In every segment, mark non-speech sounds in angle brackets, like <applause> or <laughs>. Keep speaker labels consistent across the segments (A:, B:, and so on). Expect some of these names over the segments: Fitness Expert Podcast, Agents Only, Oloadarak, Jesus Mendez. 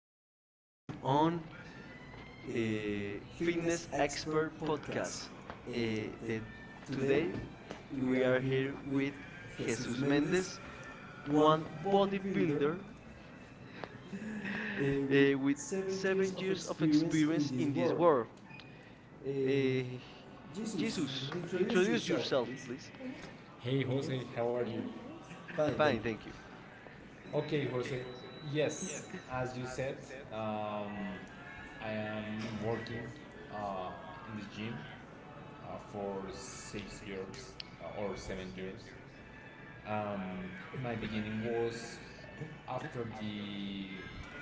A: We are here on Fitness Expert Podcast. Uh, the,
B: Today,
A: Today, we are here with Jesus Mendez, one bodybuilder <laughs> with 7 years of experience in this world.
B: uh,
A: Uh,
B: just
A: Jesus, introduce yourself, please.
B: Hey Jose, how are you? Nice.
A: Fine, thank you.
B: Yes, um, I am working uh, in the gym for 6 years or 7 years. Um, my beginning was the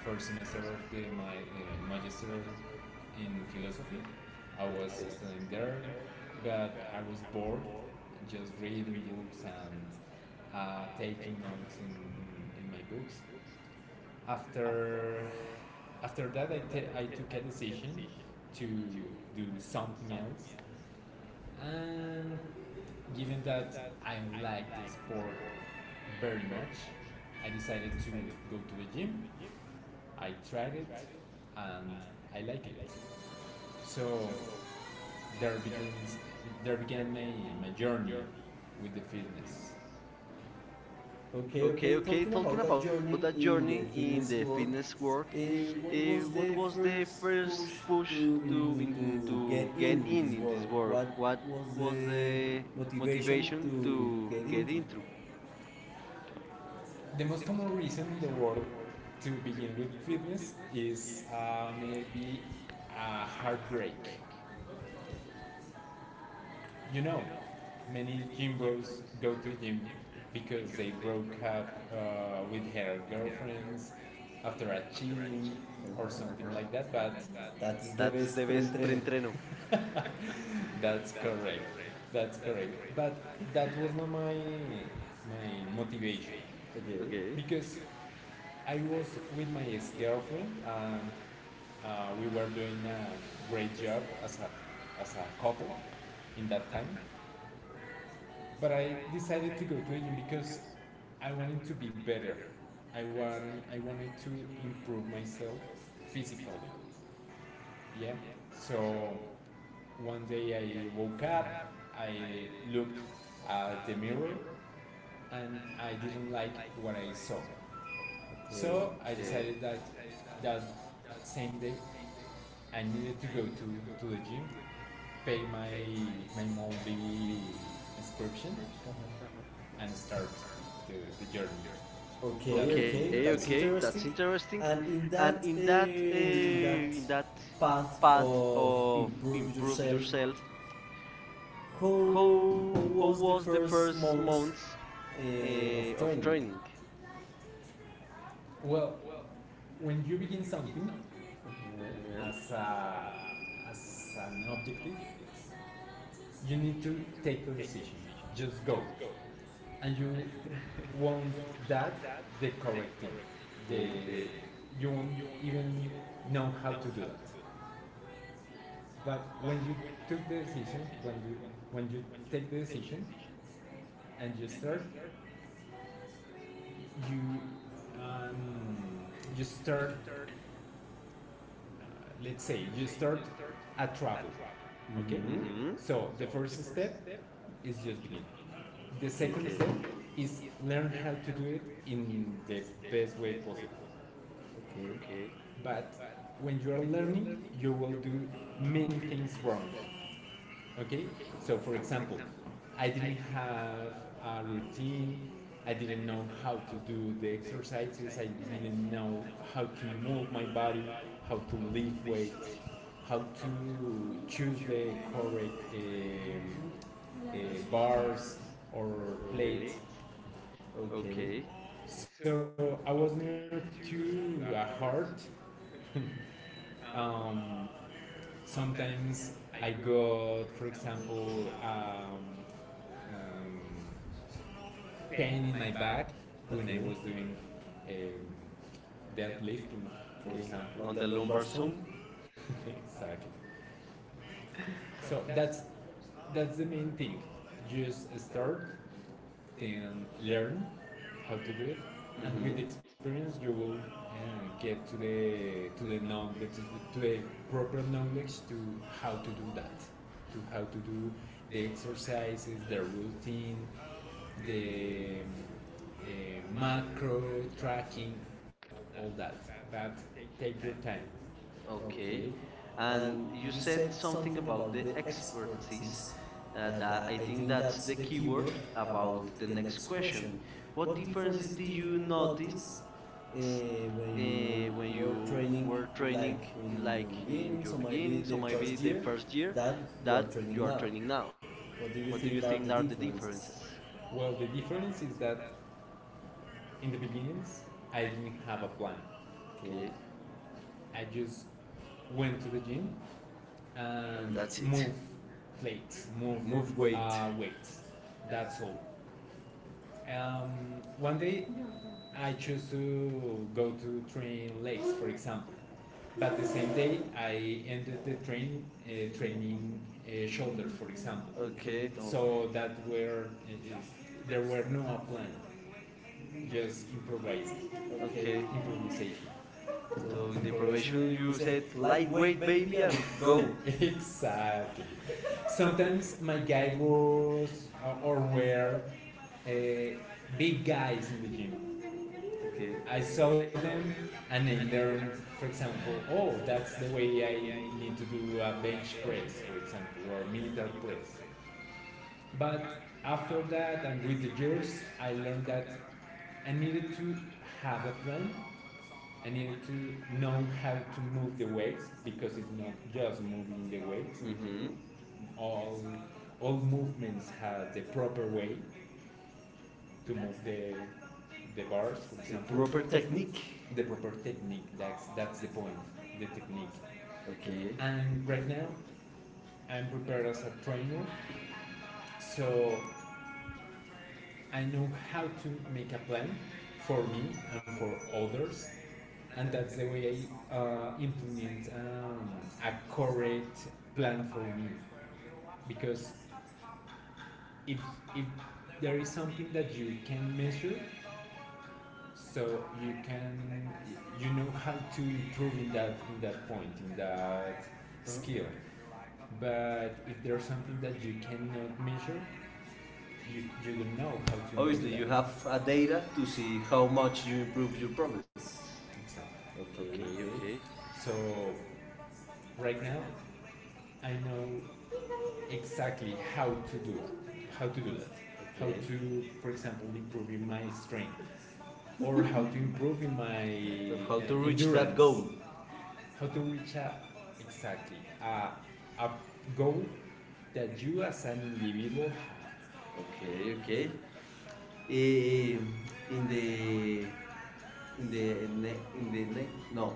B: first semester of my magister in philosophy studying
A: Uh,
B: there, but just reading books and uh, taking notes my books after after to do something else. And given I like I decided to go to the gym, I tracked, and I like there began my journey with the fitness. Okay.
A: Okay, okay. Talking about that journey in the fitness world, what was the first push to get in this world? What was the
B: But
A: motivation to get into?
B: the most common reason is a heartache. You know, many people gym, I broke up with her girlfriends after a cheating or
A: Uh-huh.
B: something like That That
A: That's the best pre-entreno.
B: That's correct. That's correct. But my my motivation. Okay.
A: Okay.
B: I was with my ex-girlfriend, and we were doing a great job uh, as in that time. But I decided to go to Egypt because I wanted to be better. I wanted to improve myself physically. Yeah. So one day I woke up, looked at the mirror, and what I saw
A: Okay.
B: that same day, I needed to to the my my movie inscription.
A: Uh-huh.
B: Mm-hmm. And the
A: Okay, okay, that's interesting. And in that
B: But-
A: path of improve yourself, how was the first months of training?
B: well, when you begin something,
A: Uh-huh.
B: you need to take, and
A: <laughs>
B: won't the, the
A: Okay.
B: you won't even know. But took when you when you take vacation and you um, start uh, let's say you start,
A: Mm-hmm.
B: so the step is just begin this.
A: Okay. Okay.
B: Is
A: Okay.
B: learn in the best, but when you are learning, you will do many things. So for, I have a routine. I didn't know how to do the exercise, I didn't know how to move body, how to lift weights, how to choose the correct bars or plates. Okay. So I was near to a heart. Um, Sometimes I got, for example, um, um, pain in my back when
A: Okay.
B: I'm
A: Okay.
B: doing um, deadlifting.
A: Okay. On the lumbar zone.
B: <laughs> Exactly. So that's the main thing. Just start, then learn
A: Hmm.
B: experience. You will get to the knowledge, to the proper knowledge to how to do that, to do the exercises, the routine, the uh, macro tracking, all that. But take your time.
A: Okay.
B: Okay.
A: And
B: And
A: you
B: you
A: said
B: said
A: something
B: something
A: about the expertise. That I think that's the keyword about the next question. What differences did you notice
B: notice
A: when
B: when
A: you
B: you
A: were
B: were
A: training,
B: training,
A: like
B: like
A: in
B: in
A: your
B: your
A: beginning,
B: beginning,
A: so
B: so
A: maybe
B: maybe
A: the
B: the
A: first
B: first
A: year
B: year
A: that
B: that
A: you are
B: you are
A: training
B: training
A: now?
B: now?
A: What do
B: What do
A: you
B: you
A: think
B: think
A: are
B: are
A: the
B: the
A: differences?
B: differences? Well, the difference is that in the beginnings, I didn't have a plan.
A: Okay.
B: Okay. I just went to the gym
A: And
B: and
A: that's
B: that's
A: it.
B: it. Move plates, move,
A: Move
B: Move weight.
A: weight.
B: Weights. That's all. Um, One day, I chose to go to train legs, for example. But the same day, I training shoulder, for example.
A: Okay,
B: So that were there were no plan, just
A: <laughs> okay.
B: improvisation.
A: So in the preparation you said lightweight baby, and <laughs>
B: Exactly. Sometimes my guide was or were uh, big guys in the gym.
A: okay.
B: Saw them, and I learned, for example, oh, that's the way I need to do a bench press, for example, or military press. But after that. With the years, I learned that I needed to have them. I needed to know how to move the weights because it's not just moving the weights.
A: Mhm.
B: All all movements have the proper way to move the bars.
A: Example, proper technique.
B: Technique. That's the point. The technique.
A: Okay.
B: And right now, I'm prepared as a trainer, so I know how to make a plan for me and for others, and that's the way I implement a correct plan for me. Because if it's something you can measure, so you you need to, in that point, in that skill. But if there's something that you cannot measure, you don't know how to. Oh,
A: That, have a data to see how much you improve your progress.
B: problems. Exactly.
A: Okay,
B: Okay, okay.
A: okay.
B: So right now I know exactly how to do it? How to do that,
A: How
B: how
A: okay.
B: to, for example, improve in my strength, or how to improve in
A: So
B: my <laughs> how
A: how
B: to
A: to
B: reach
A: reach
B: endurance,
A: that
B: that goal.
A: goal?
B: How to reach a, exactly, a goal that you as an individual.
A: Okay, okay.
B: Okay, okay.
A: Eh,
B: Eh,
A: in the in the ne in the next no.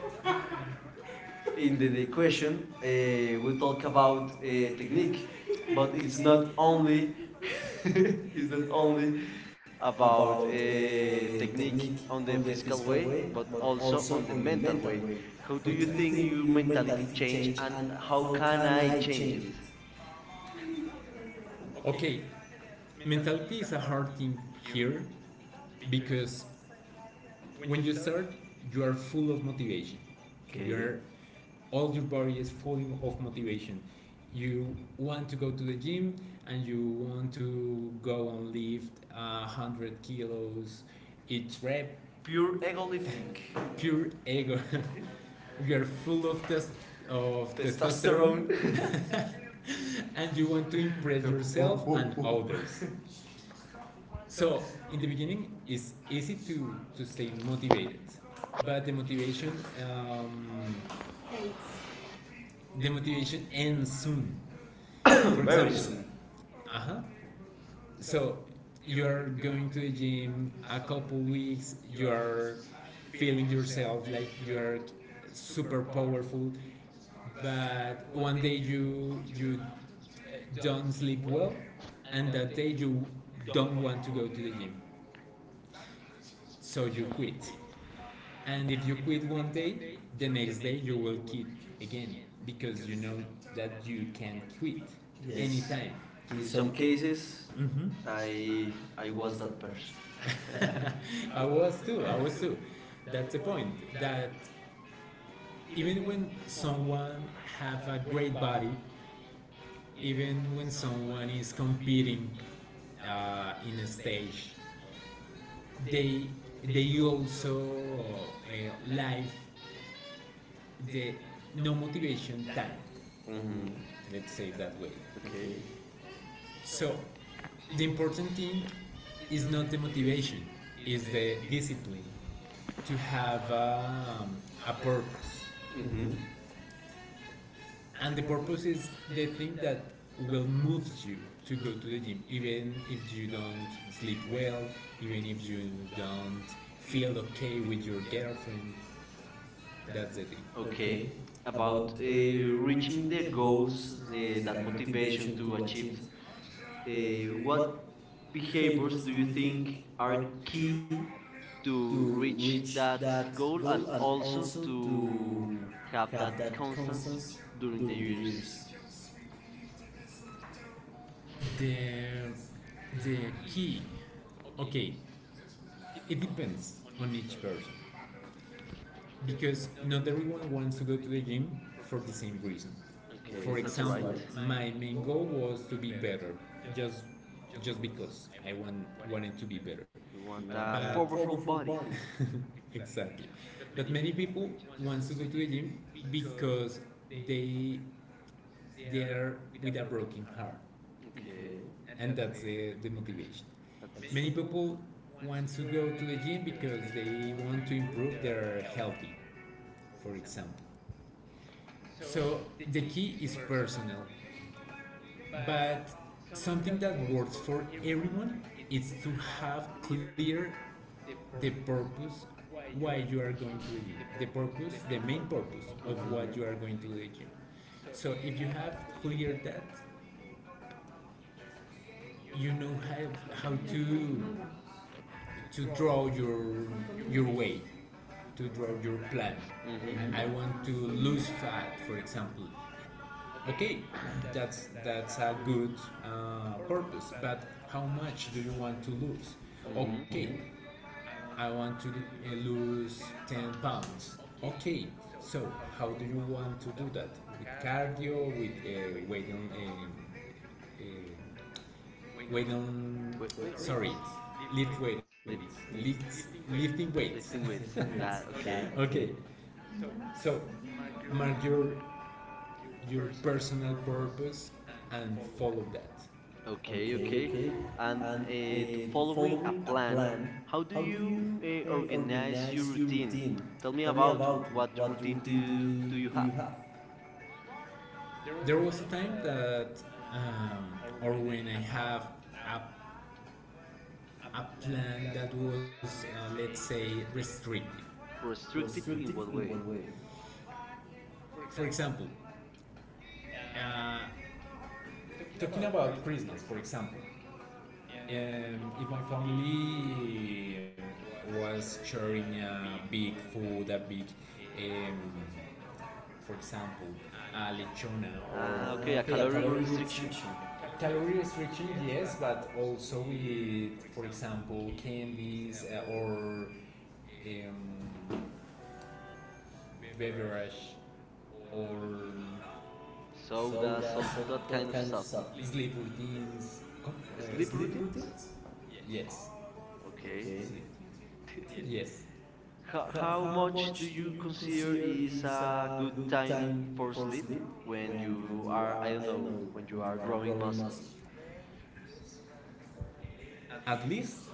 A: <laughs> In the question, we talk about technique, but it's not only
B: Only
A: <laughs>
B: <laughs>
A: it's
B: is
A: not
B: not
A: only
B: only
A: about
B: about technique
A: technique on
B: on
A: the
B: the
A: physical
B: physical
A: way,
B: way,
A: but
B: but
A: also
B: also
A: on the
B: on the
A: mental
B: mental
A: way.
B: way.
A: How
B: How, exactly,
A: do
B: do you,
A: you
B: exactly,
A: think
B: think
A: your
B: your
A: mentality
B: mentality
A: change,
B: change,
A: and
B: and
A: how
B: how?
A: can I change it?
B: Okay, mentality is a hard thing here because when you start, you are full of motivation. Okay.
A: Okay.
B: Your, all your body is full of motivation. You want to go to the gym, and you want to go and lift 100 kilos each rep.
A: Pure
B: Pure
A: ego
B: ego
A: lifting.
B: lift. <laughs> Pure ego.
A: <laughs>
B: <laughs> You are full
A: You
B: of test, of t-
A: testosterone. <laughs>
B: <laughs> and you want to impress
A: So, ooh, ooh,
B: others.
A: others
B: So in the beginning, it's easy to stay motivated. But um, the motivation ends soon.
A: ooh. <coughs> Very soon.
B: Uh huh. So you're going to the gym a couple weeks. You're feeling yourself like you're super powerful. But one day you don't sleep well, and that day you don't want to go to the gym, so you quit. And if you quit one day, the next day you will quit again, because you know that you can quit, yes,
A: Yes.
B: anytime.
A: <laughs> In
B: In
A: some
B: some
A: cases,
B: cases, mm-hmm, I
A: I I
B: I
A: was
B: was that
A: that
B: person.
A: person. <laughs>
B: <laughs> <laughs> I was too. I was too. That's the point. That even when someone have a great body, even when someone is competing in a stage, they they also live the no motivation time.
A: Mhm.
B: Mm-hmm. Let's say it that way.
A: Okay.
B: Okay. So the important thing is not the motivation, is the discipline to have a purpose.
A: Mhm.
B: Mm-hmm. Purpose is the thing that will move you to go to the gym, even if you don't feel okay with your girlfriend. The
A: Okay, about reaching the goals, that motivation to achieve, what behaviors do you think are key
B: thing.
A: to
B: To
A: reach
B: reach
A: that
B: that
A: goal
B: goal,
A: and
B: and
A: also
B: also
A: to
B: to
A: have
B: have
A: that
B: that
A: constance
B: constance
A: during the
B: during the year.
A: years?
B: The the key. Okay, it depends on each person because not everyone wants to go to the gym for the same reason.
A: Okay, that's right.
B: My main goal was to be better, just because wanted to be better.
A: You
B: You
A: want
B: want,
A: a powerful body.
B: <laughs> Exactly. But many people want to go to the gym because they, there with a broken heart,
A: Okay.
B: yeah, and that's the motivation.
A: That's
B: Many people want to go to the gym because they want to improve their healthy, for example. So the key is personal, but something that works for everyone is to have clear the purpose why you are going to the gym. The purpose, the main purpose of what you are going to
A: mhm.
B: the gym. So if you have clear that, you know how to draw your way, to draw your plan.
A: Mhm.
B: Mm-hmm. I want to lose fat, for example. Okay, that's
A: <coughs>
B: that's a good purpose. But how much do you want to lose? I want to lose 10 pounds. Okay, so how do you want to do that? With cardio, with weight on. Uh, Weight on, sorry, weighting, lifting weights.
A: <laughs>
B: <laughs>
A: <laughs>
B: Okay, so mark your personal purpose and follow that.
A: Okay, okay.
B: Okay.
A: And
B: And
A: to following a plan,
B: plan,
A: how do you
B: you
A: organize your routine?
B: think
A: Tell me about
B: about
A: what routine do you
B: do, do you
A: have?
B: have? There was a time that, um, or when I have a, a plan that was, let's say, restrictive.
A: Restrictive
B: Restrictive
A: in what
B: in what
A: way?
B: way? For example, uh, talking about Christmas, for example. If my family was sharing a big food, a big, um, for example, a lechona, or,
A: Ah,
B: ah,
A: okay, a
B: okay, a
A: caloric
B: calorie
A: restriction,
B: restriction. Calorie restriction, yes, but also with, for example, candies, or um, beverage, or
A: sodas,
B: soda,
A: all that kind of stuff.
B: soft, sleep routines.
A: Sleep routines?
B: Yes.
A: Okay.
B: Okay. Sleep.
A: <laughs>
B: Yes.
A: How, how
B: How
A: much do
B: much
A: you consider is a good time
B: time
A: for sleep
B: sleep?
A: when you are, I don't know,
B: No.
A: when you are
B: You
A: growing muscle?
B: must, at least,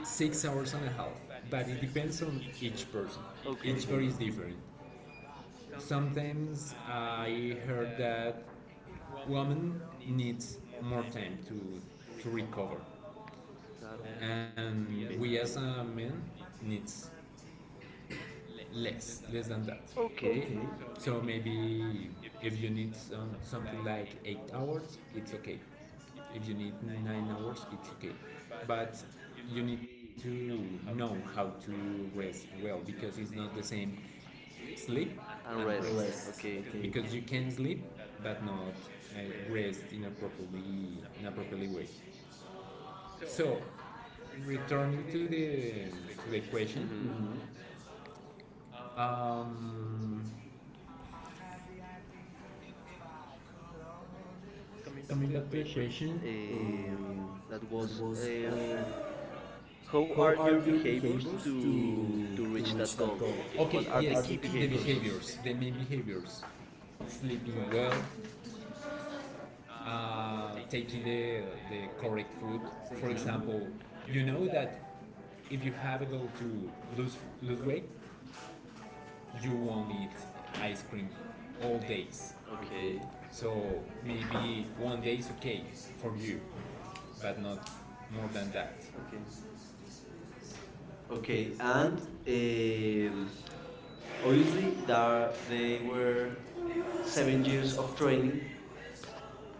B: 6 hours and a half, but it depends on each person.
A: Okay,
B: Each person is different. Sometimes I heard that woman needs more time to recover,
A: claro.
B: and
A: Okay.
B: we as a man needs less than that.
A: Okay.
B: Okay. Okay. So maybe if you need something like 8 hours, it's okay. If you need 9 hours, it's okay. But you need to know how to rest well because it's not the same sleep rest.
A: Rest
B: Rest.
A: okay.
B: Okay. Because you can sleep but not uh, rest in a properly way. So returning to the question.
A: Mm-hmm.
B: Mhm. um, Question. Uh,
A: Eh, that was.
B: was
A: How are your behaviors to reach that goal? What
B: okay,
A: are the
B: yes,
A: key
B: the behaviors?
A: behaviors?
B: Behaviors, the main behaviors: sleeping well, uh, the, the correct food. For
A: Hmm.
B: example, you know that, able to lose lose weight, you won't eat ice cream all days.
A: Okay,
B: So maybe one day is okay for you, but not more than that.
A: okay, okay. And um, obviously, there they were 7 years of training.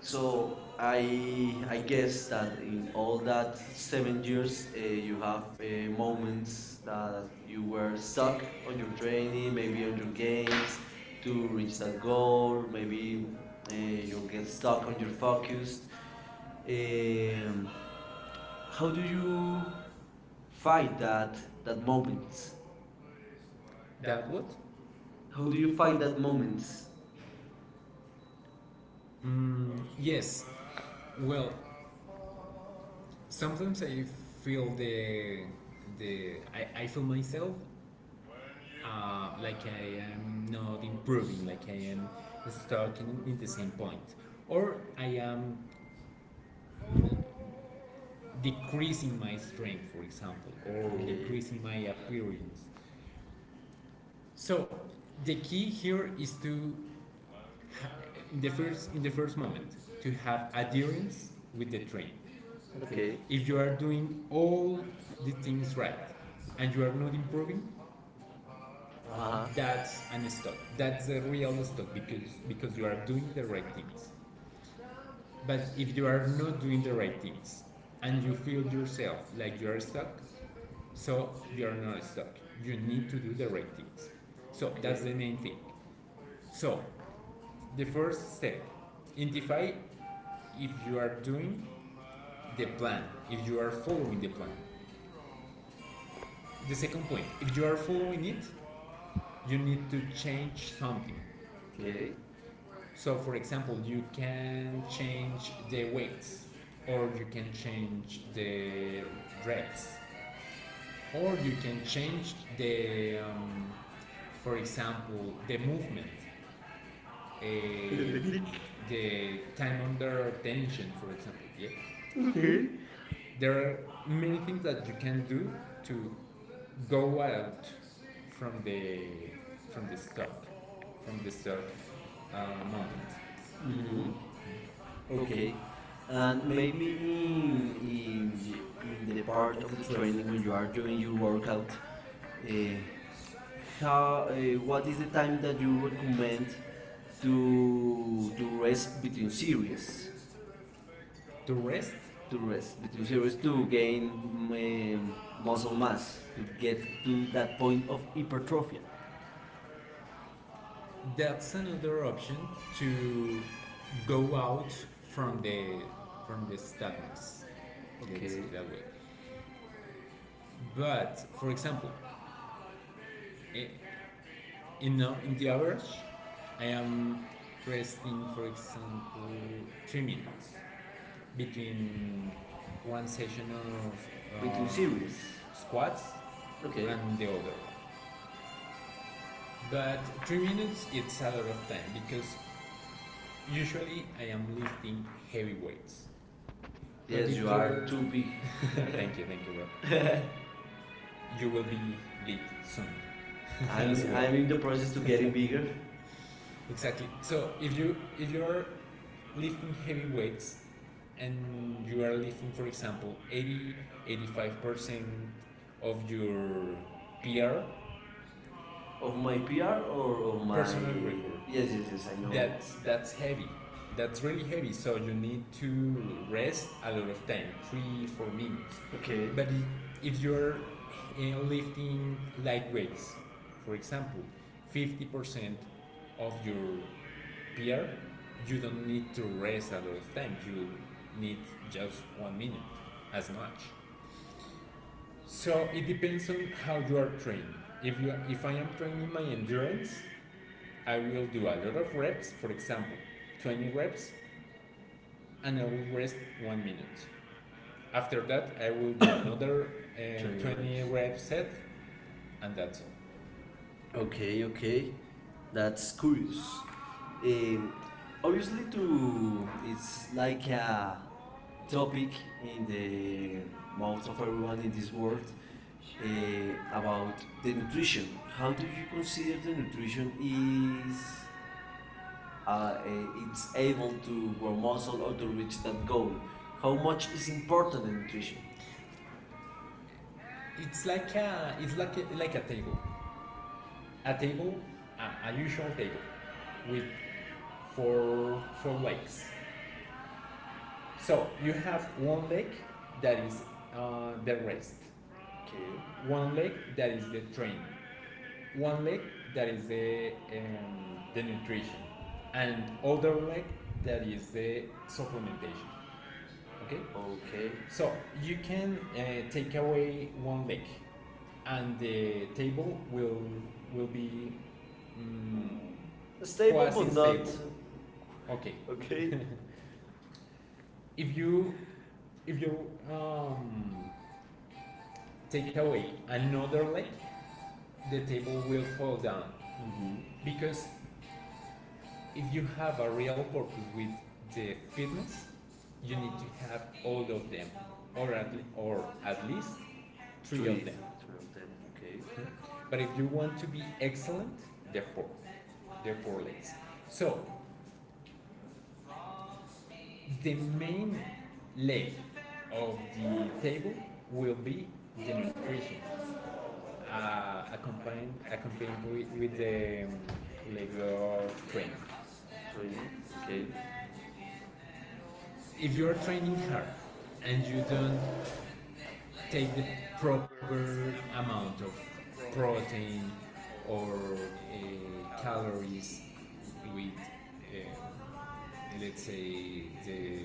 A: So I guess that in
B: In all
A: all that
B: that
A: seven
B: seven
A: years,
B: years
A: you have
B: have, moments
A: moments that
B: that,
A: you were stuck on your training, maybe on your gains to reach that goal. Maybe you'll get stuck on your focus. Um,
B: um, how
A: how do
B: do
A: you
B: you,
A: fight that
B: that
A: moment?
B: moments. That what?
A: How
B: How
A: do
B: do
A: you
B: you
A: fight
B: fight?
A: that moment?
B: Yes. Well, sometimes I feel the I feel myself. I am not improving. Like I am stuck in the same point, or I am, n- decreasing my strength, for example, or decreasing my appearance. So the key here is to, ha- in the first moment, to have adherence with the train. Okay.
A: Okay.
B: If you are doing all the things right and you are not improving,
A: Uh-huh.
B: and stop. That's the real because you are doing the right things. But if you are not doing the right things and you feel like you are, stuck, so you are not. Stuck. You need to do the right things. So that's the main thing. So the first identify if you are doing, if you are following the plan. If you are change something,
A: Okay.
B: so you can change the weights, or you can change the rep, or change the, for example, uh, the for example. Yeah.
A: Yeah? Okay.
B: There are many things you can do to go from the from this from the search. Um,
A: Mm-hmm. Okay. And maybe in the part of the training when you
B: when
A: are doing your workout, uh, how what is the time that you recommend to rest between series?
B: the rest
A: To rest between series to gain muscle mass to get to that point of
B: of hypertrophy.
A: hypertrophy.
B: That's another option to go out from the from the stagnance. Okay. Let's Okay. Say
A: Okay.
B: that way. But for example, i- in the average, I am uh, 3 minutes in session of
A: Between series.
B: squats
A: Okay.
B: and the other. 3 minutes, I am lifting heavy weights.
A: Yes, you are too big. <laughs>
B: Thank you, thank you. You will be big soon.
A: I'm in the process to getting bigger
B: <laughs> exactly. So if you you're lifting heavy weights and you are lifting, for example, 80, 85% your
A: of my PR or of
B: Oh, my-
A: my
B: Personal my... record.
A: yes
B: Yes,
A: yes
B: yes,
A: yes
B: yes.
A: I
B: I
A: know
B: know. That's heavy. That's really heavy. So you need to rest a lot of time, three, 4 minutes. Okay.
A: okay
B: But
A: <coughs>
B: if you're uh, in, like, example, 50% of you need just 1 minute, as much. So train. If I am training my endurance, I will do a rest and I will rest 1 minute. I will do
A: <coughs>
B: a
A: 20
B: 20 rep
A: reps
B: set, and that's all. Oh,
A: okay, okay,
B: that,
A: that's curious. Um, Obviously, too,
B: Mm,
A: it's
B: it's
A: like
B: like
A: a topic in the mouth of everyone in this world about the nutrition. How do you consider the
B: Digital
A: nutrition
B: nutrition
A: is
B: is
A: it's
B: it's
A: able
B: able to
A: to grow muscle or to reach that goal? How much is important the nutrition?
B: table uh, for legs. So you have one leg that is the rest,
A: Okay.
B: okay, one leg that is the train, one leg that is the nutrition, and other leg that is the supplementation.
A: Okay.
B: So you can take away one leg. The table will be mm,
A: Stable. Okay. <laughs>
B: if you If you um, take away another leg, the table will fall down. Mm-hmm.
A: Mm-hmm.
B: Because if you have a real purpose with the fitness, you need to have all of them, or at, or at least three of
A: Three
B: them. Two
A: of
B: of them,
A: them. Okay.
B: okay. Mm-hmm. But if you want to be excellent, there are four. There are four legs. So the main leg of the table will be the nutrition. Accompanied with the Lego train.
A: Three.
B: Okay.
A: Okay.
B: If you are training hard and you don't take the proper amount of protein or calories with, uh, let's say, the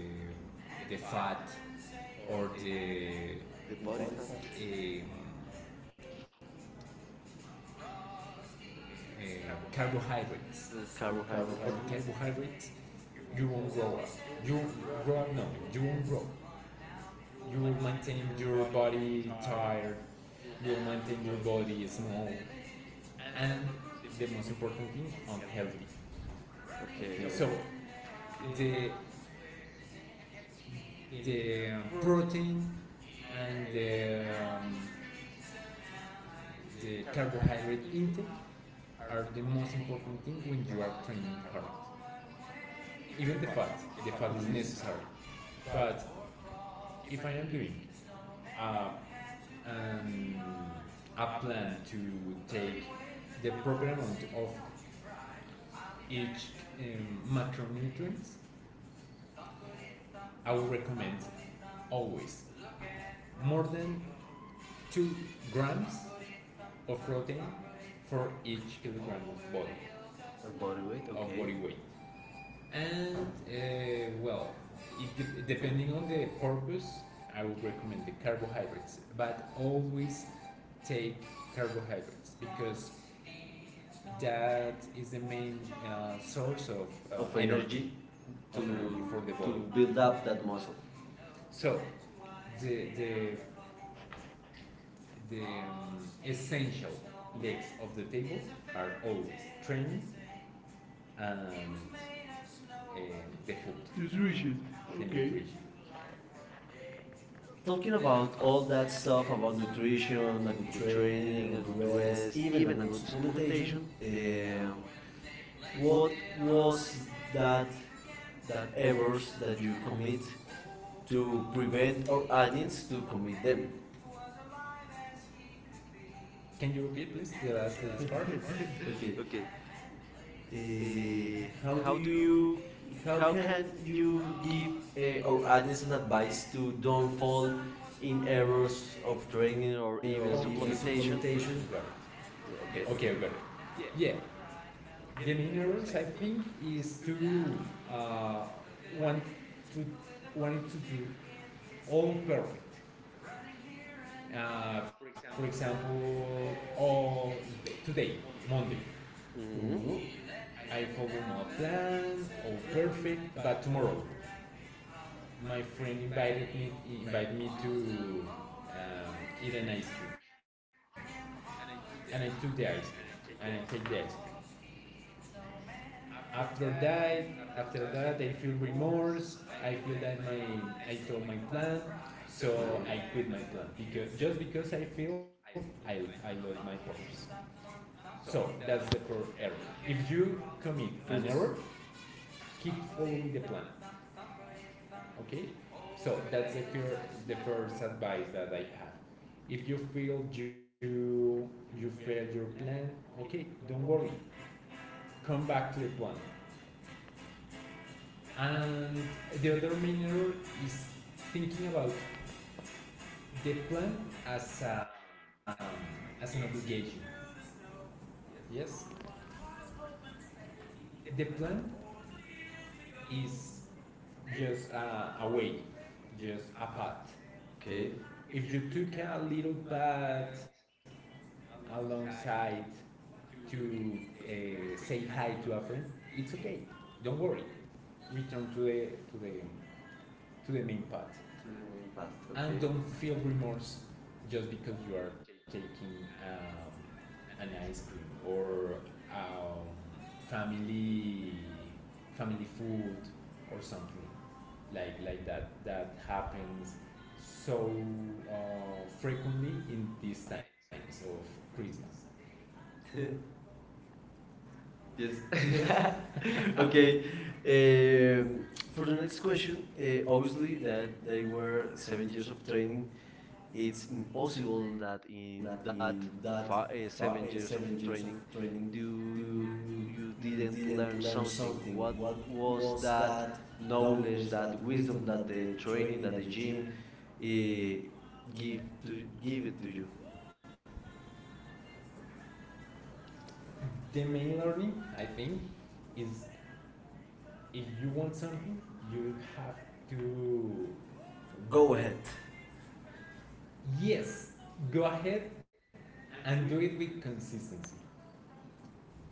B: fat or the
A: The body fat.
B: um, uh, carbohydrates,
A: The carbohydrates.
B: graduate, you won't grow up. You won't grow up, no. You won't grow. You will maintain your body tired. You will maintain your body small. And the most important thing, healthy.
A: Okay.
B: So the the protein, um, the carbohydrate intake, the most important thing when you are training hard. Even the fat is necessary. But doing um, and to take the amount of macronutrients, I would recommend always more than 2 grams of protein for kilogram of body,
A: The body weight.
B: body weight. And well, depending on the purpose, I would recommend the carbs, but always take because that is the main source of.
A: Of energy to to build up that muscle.
B: So the the the essential the training and uh,
A: To reach it. And okay. Talking about all that stuff about nutrition, a good training, a good rest, even a good supplementation, um, what was that that errors that you commit to
B: to
A: prevent
B: prevent
A: our
B: all
A: audience
B: agents to
A: to commit
B: commit them.
A: them?
B: Can you repeat, please, the last part?
A: <laughs>
B: <laughs> Okay.
A: Okay, Uh, how
B: How
A: do
B: do
A: you,
B: you?
A: how can you give our audience an advice to don't fall in errors of training or even supplementation? Is it okay.
B: Yeah, the main errors I think is to uh, want to do all perfect. For example, all today, Monday,
A: Mm-hmm.
B: Mhm. I follow my plan, all perfect, but tomorrow, my friend. invited me invited me uh, to the ice cream, and I take the ice cream. After that, I feel remorse. I feel that my I failed my plan, so I
A: Okay.
B: quit my plan because just because I failed, I lost my purpose. So that's the first error. If you commit
A: First,
B: an error, keep following the plan. Okay, so that's first advice that I have. If you feel you failed your plan, okay, don't worry. Come back to the plan. And the other main error, thinking about the plan as um, as an obligation. Yes, the plan is just a way, just a path.
A: okay,
B: If you took a little path alongside to uh, say hi to a friend, it's okay. Don't worry. Return to the to the to the main path
A: to the main path,
B: Okay. And
A: okay.
B: don't feel remorse just because you are taking um, an ice cream or um, family family food or something like that that happens so uh, frequently in these times of Christmas.
A: <laughs>
B: Yes.
A: Yes. <laughs> Okay. Um,
B: For
A: for
B: the
A: the next question,
B: mostly
A: obviously that
B: that they
A: they
B: were
A: were
B: seven
A: seven
B: years
A: years of
B: of training.
A: training. It's
B: It's impossible
A: impossible that
B: that in
A: in
B: that
A: that
B: seven
A: seven
B: years
A: years
B: of
A: of
B: training
A: training, you you didn't learn something. What was
B: was
A: that
B: that knowledge,
A: knowledge, that
B: that wisdom,
A: wisdom, that
B: that
A: the
B: the
A: training,
B: training, that
A: that
B: the
A: the gym
B: gym give
A: give
B: to
A: to
B: give
A: give it
B: it
A: to
B: to
A: you?
B: you. The main learning, I think, is if you want something, you have to Go
A: Go
B: ahead.
A: ahead.
B: Yes, go ahead and do it with consistency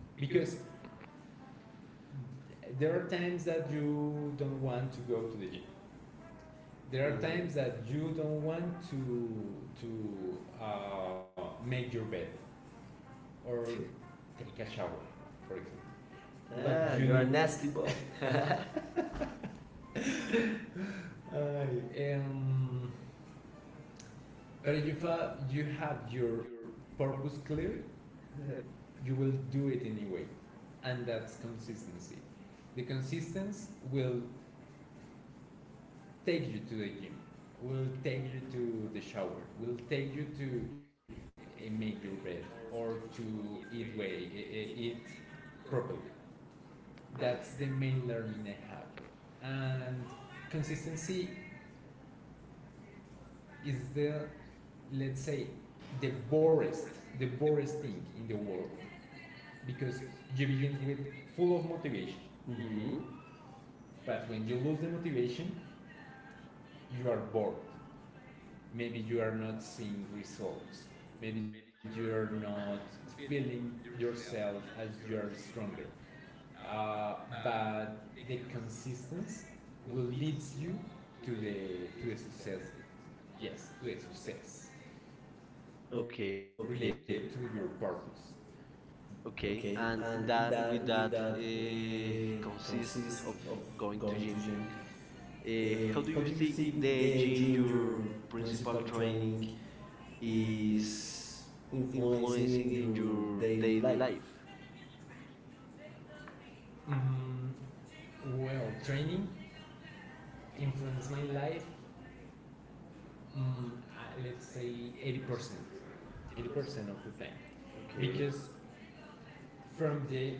B: because there are times that you don't want to go to the gym, there are
A: Mhm.
B: times that you don't want to make your bed or take a shower, for example.
A: Ah,
B: You
A: you're
B: are
A: a know.
B: a
A: Nasty
B: nasty
A: boy.
B: boy.
A: <laughs> <laughs>
B: <laughs> uh,
A: I
B: Um, but if you have your purpose clear, you will do it anyway, and that's consistency. The consistency will take you to the gym, will take you to the shower, will take you to make your bed or to eat properly. That's the main learning I have, and consistency is the let's say the borest the borest thing in the world because you begin with full of motivation,
A: mhm.
B: but when you motivation you are maybe you are not seeing results, maybe you are not yourself as you are stronger. Uh, but the consistency will lead you to the, to the success. Yes, to the success,
A: Related okay. Relate
B: to your purpose.
A: okay. And that with that consists of going to gym. How do you think the gym, your principal training, is
B: Is
A: influencing in your daily life?
B: Mm, well, training influenced my life, mm, let's say 80%. 80% of the time.
A: Okay.
B: Because from the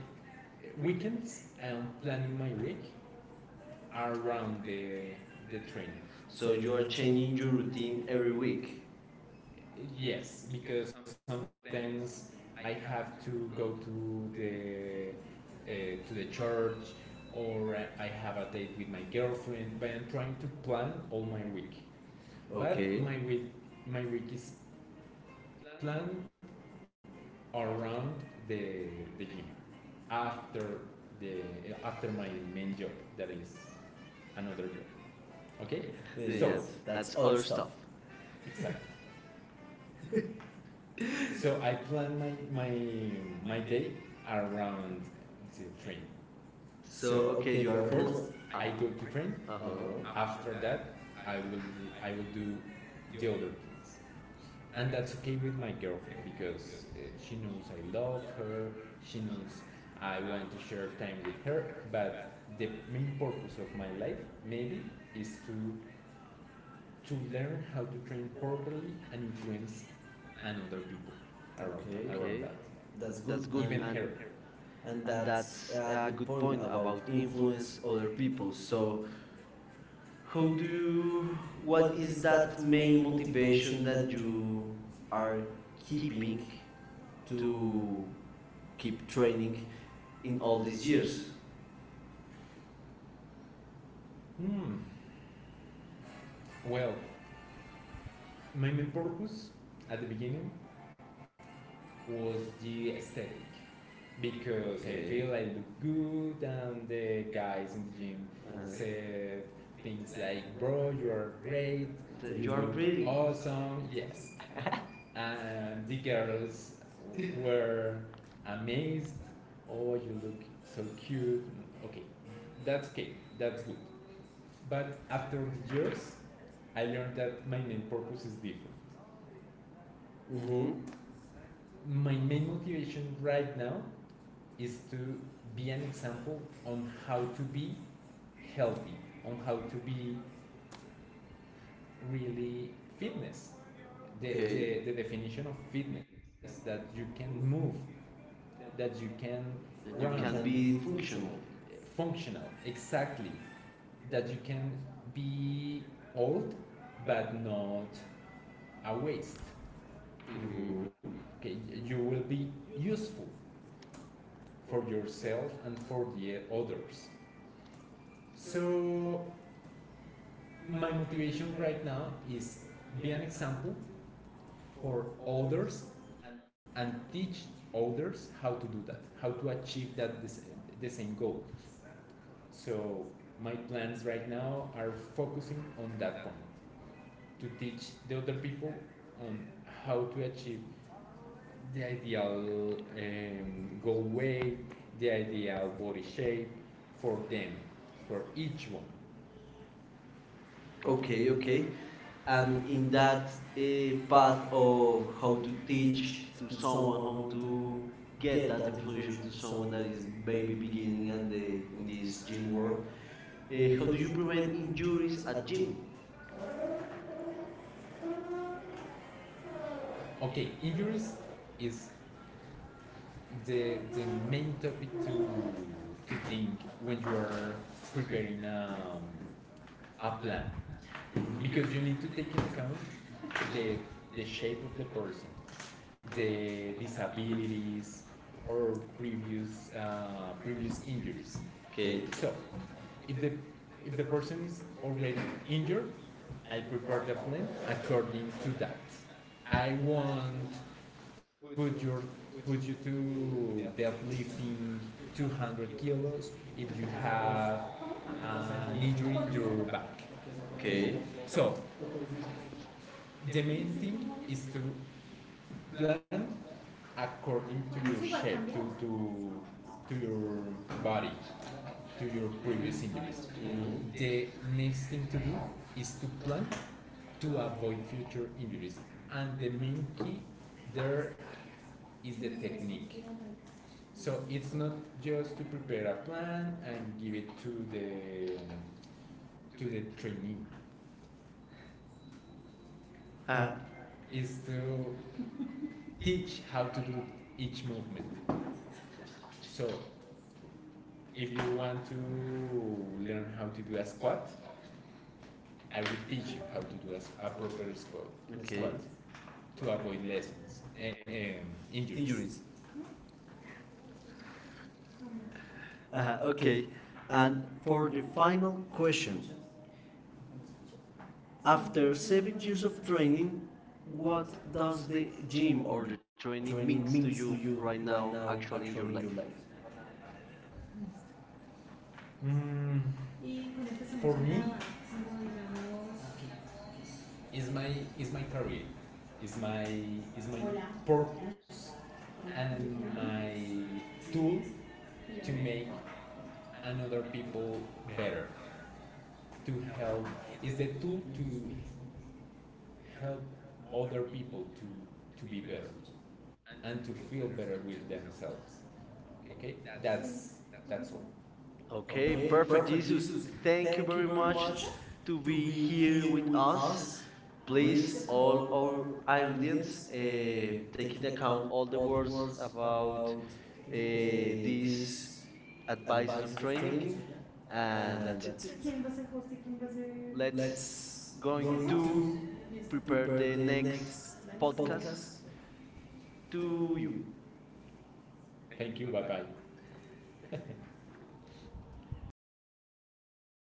B: weekends, I am planning my week around the training. So
A: So you are
B: you're
A: changing
B: changing
A: your
B: your
A: routine
B: routine
A: every
B: every
A: week.
B: week. Yes, because sometimes I have to go to the church, or I have a date with my girlfriend. But I'm trying to plan all my week. Okay. But Okay.
A: Okay.
B: My week is planned around the the gym after the after my main job that is another job. Okay.
A: Yeah, yes,
B: Yes, so-
A: that's other
B: that's other
A: stuff.
B: stuff. Exactly.
A: <laughs>
B: <laughs> So I plan my day around the train.
A: So
B: So
A: okay,
B: okay.
A: you are pl-
B: First,
A: uh,
B: I go to train. Uh
A: uh-huh.
B: huh. After that, I will I will do the other things, and that's okay with my girlfriend because she knows I love her. She knows I want to share time with her. But the main purpose of my life maybe is to learn how to train properly and influence and other people around,
A: Okay,
B: around that.
A: that's
B: That's
A: good,
B: good. And, Even and, her.
A: and
B: And
A: that's
B: that's
A: a
B: a
A: good
B: good
A: point
B: point
A: about
B: about
A: influence
B: influence
A: other
B: other
A: people.
B: people.
A: So,
B: So
A: how
B: how
A: do
B: do you
A: you, what is that main motivation that
B: that you
A: you are keeping to keep training in all these years?
B: Hmm. Well, my main purpose at the beginning was the aesthetic because I
A: Okay.
B: feel I look good, and the guys in the gym
A: Uh-huh.
B: said things like, "Bro, you are great.
A: The, you
B: You
A: are
B: are look
A: pretty.
B: awesome."
A: <laughs>
B: Yes. And the girls were amazed. Oh, you look so cute. Okay, okay, that's good. But after the years, I learned that my main purpose is different.
A: Mm-hmm.
B: My main motivation right now is to be an example on how to be healthy, on how to be really fitness. The,
A: Okay.
B: Okay. The definition of fitness that you can move, that you can It
A: That you
B: run It
A: can
B: can
A: be
B: be
A: functional.
B: functional. Functional exactly, that you can be old but not a waste.
A: Mm-hmm.
B: Mm-hmm. Okay, you will be useful for yourself, for the others. So my motivation right now is be an example for others and teach others how to do that, how to achieve that the same goal. So my plans right now are focusing on that point to teach the other people on how to achieve the ideal goal weight, the ideal body shape for them, for each one.
A: Okay, okay. And in that path of how
B: To
A: to teach
B: teach
A: to
B: to
A: someone
B: someone how
A: how to
B: to
A: get
B: Get
A: that
B: that
A: information
B: information
A: to
B: to
A: someone
B: someone
A: that
B: that
A: is
B: is
A: maybe
B: maybe
A: beginning
B: beginning
A: at
B: at
A: the
B: the
A: in
B: in
A: this
B: this
A: gym
B: gym
A: world,
B: world.
A: how
B: How
A: do
B: do
A: you
B: you
A: prevent
B: prevent
A: injuries
B: injuries
A: at
B: at
A: gym?
B: gym? Okay, injuries is the main topic to think when you are preparing a plan because you need to
A: Hmm.
B: take into account the the shape of the person, the disabilities or previous previous injuries. Okay.
A: Okay.
B: So if the if the person is already injured, I prepare the plan according to that. I want put your put you to deadlifting 200 kilos if you have an injury in your back. Okay.
A: Okay.
B: So the main thing is to plan according to your shape, to your body, to your previous injuries.
A: Mm-hmm.
B: Mm-hmm. The next thing to do is to plan to avoid future injuries. And the main key there is the technique. So it's not just to prepare a plan and give it to the trainee. Uh,
A: Ah.
B: It's to teach how to do each movement. So if you want to learn how to do a squat, I will teach you how to do a proper squat, okay. squat
A: Okay.
B: to avoid lessons and injuries. Injuries.
A: Injuries. Uh,
B: Okay.
A: okay. And for the final
B: Final question.
A: question,
B: After
A: after
B: seven
A: seven
B: years
A: years
B: of
A: of
B: training,
A: training,
B: what
A: what
B: does
A: does
B: the
A: the
B: gym
A: gym
B: or the
A: or the
B: training
A: training
B: means to
A: means to
B: you
A: you
B: right
A: right
B: now,
A: now,
B: actually in
A: actually in
B: your
A: your
B: life?
A: life?
B: Mm, For me? Is my career, is my is my purpose and my tool to make another people better, to help is the tool to help other people to be better. And to feel better with themselves. Okay, that's that's all.
A: Okay, perfect, Jesus. Thank you very much
B: Watch
A: to be here with us.
B: us,
A: Please,
B: please,
A: all our audience,
B: audience,
A: take into account all the words
B: words
A: about
B: about
A: these advices of training,
B: training.
A: and that's it.
B: Quem vai ser host e quem vai
A: Let's
B: Let's
A: going
B: go
A: to
B: to
A: prepare the next podcast
B: podcast.
A: to
B: Thank
A: you.
B: you. Bye bye.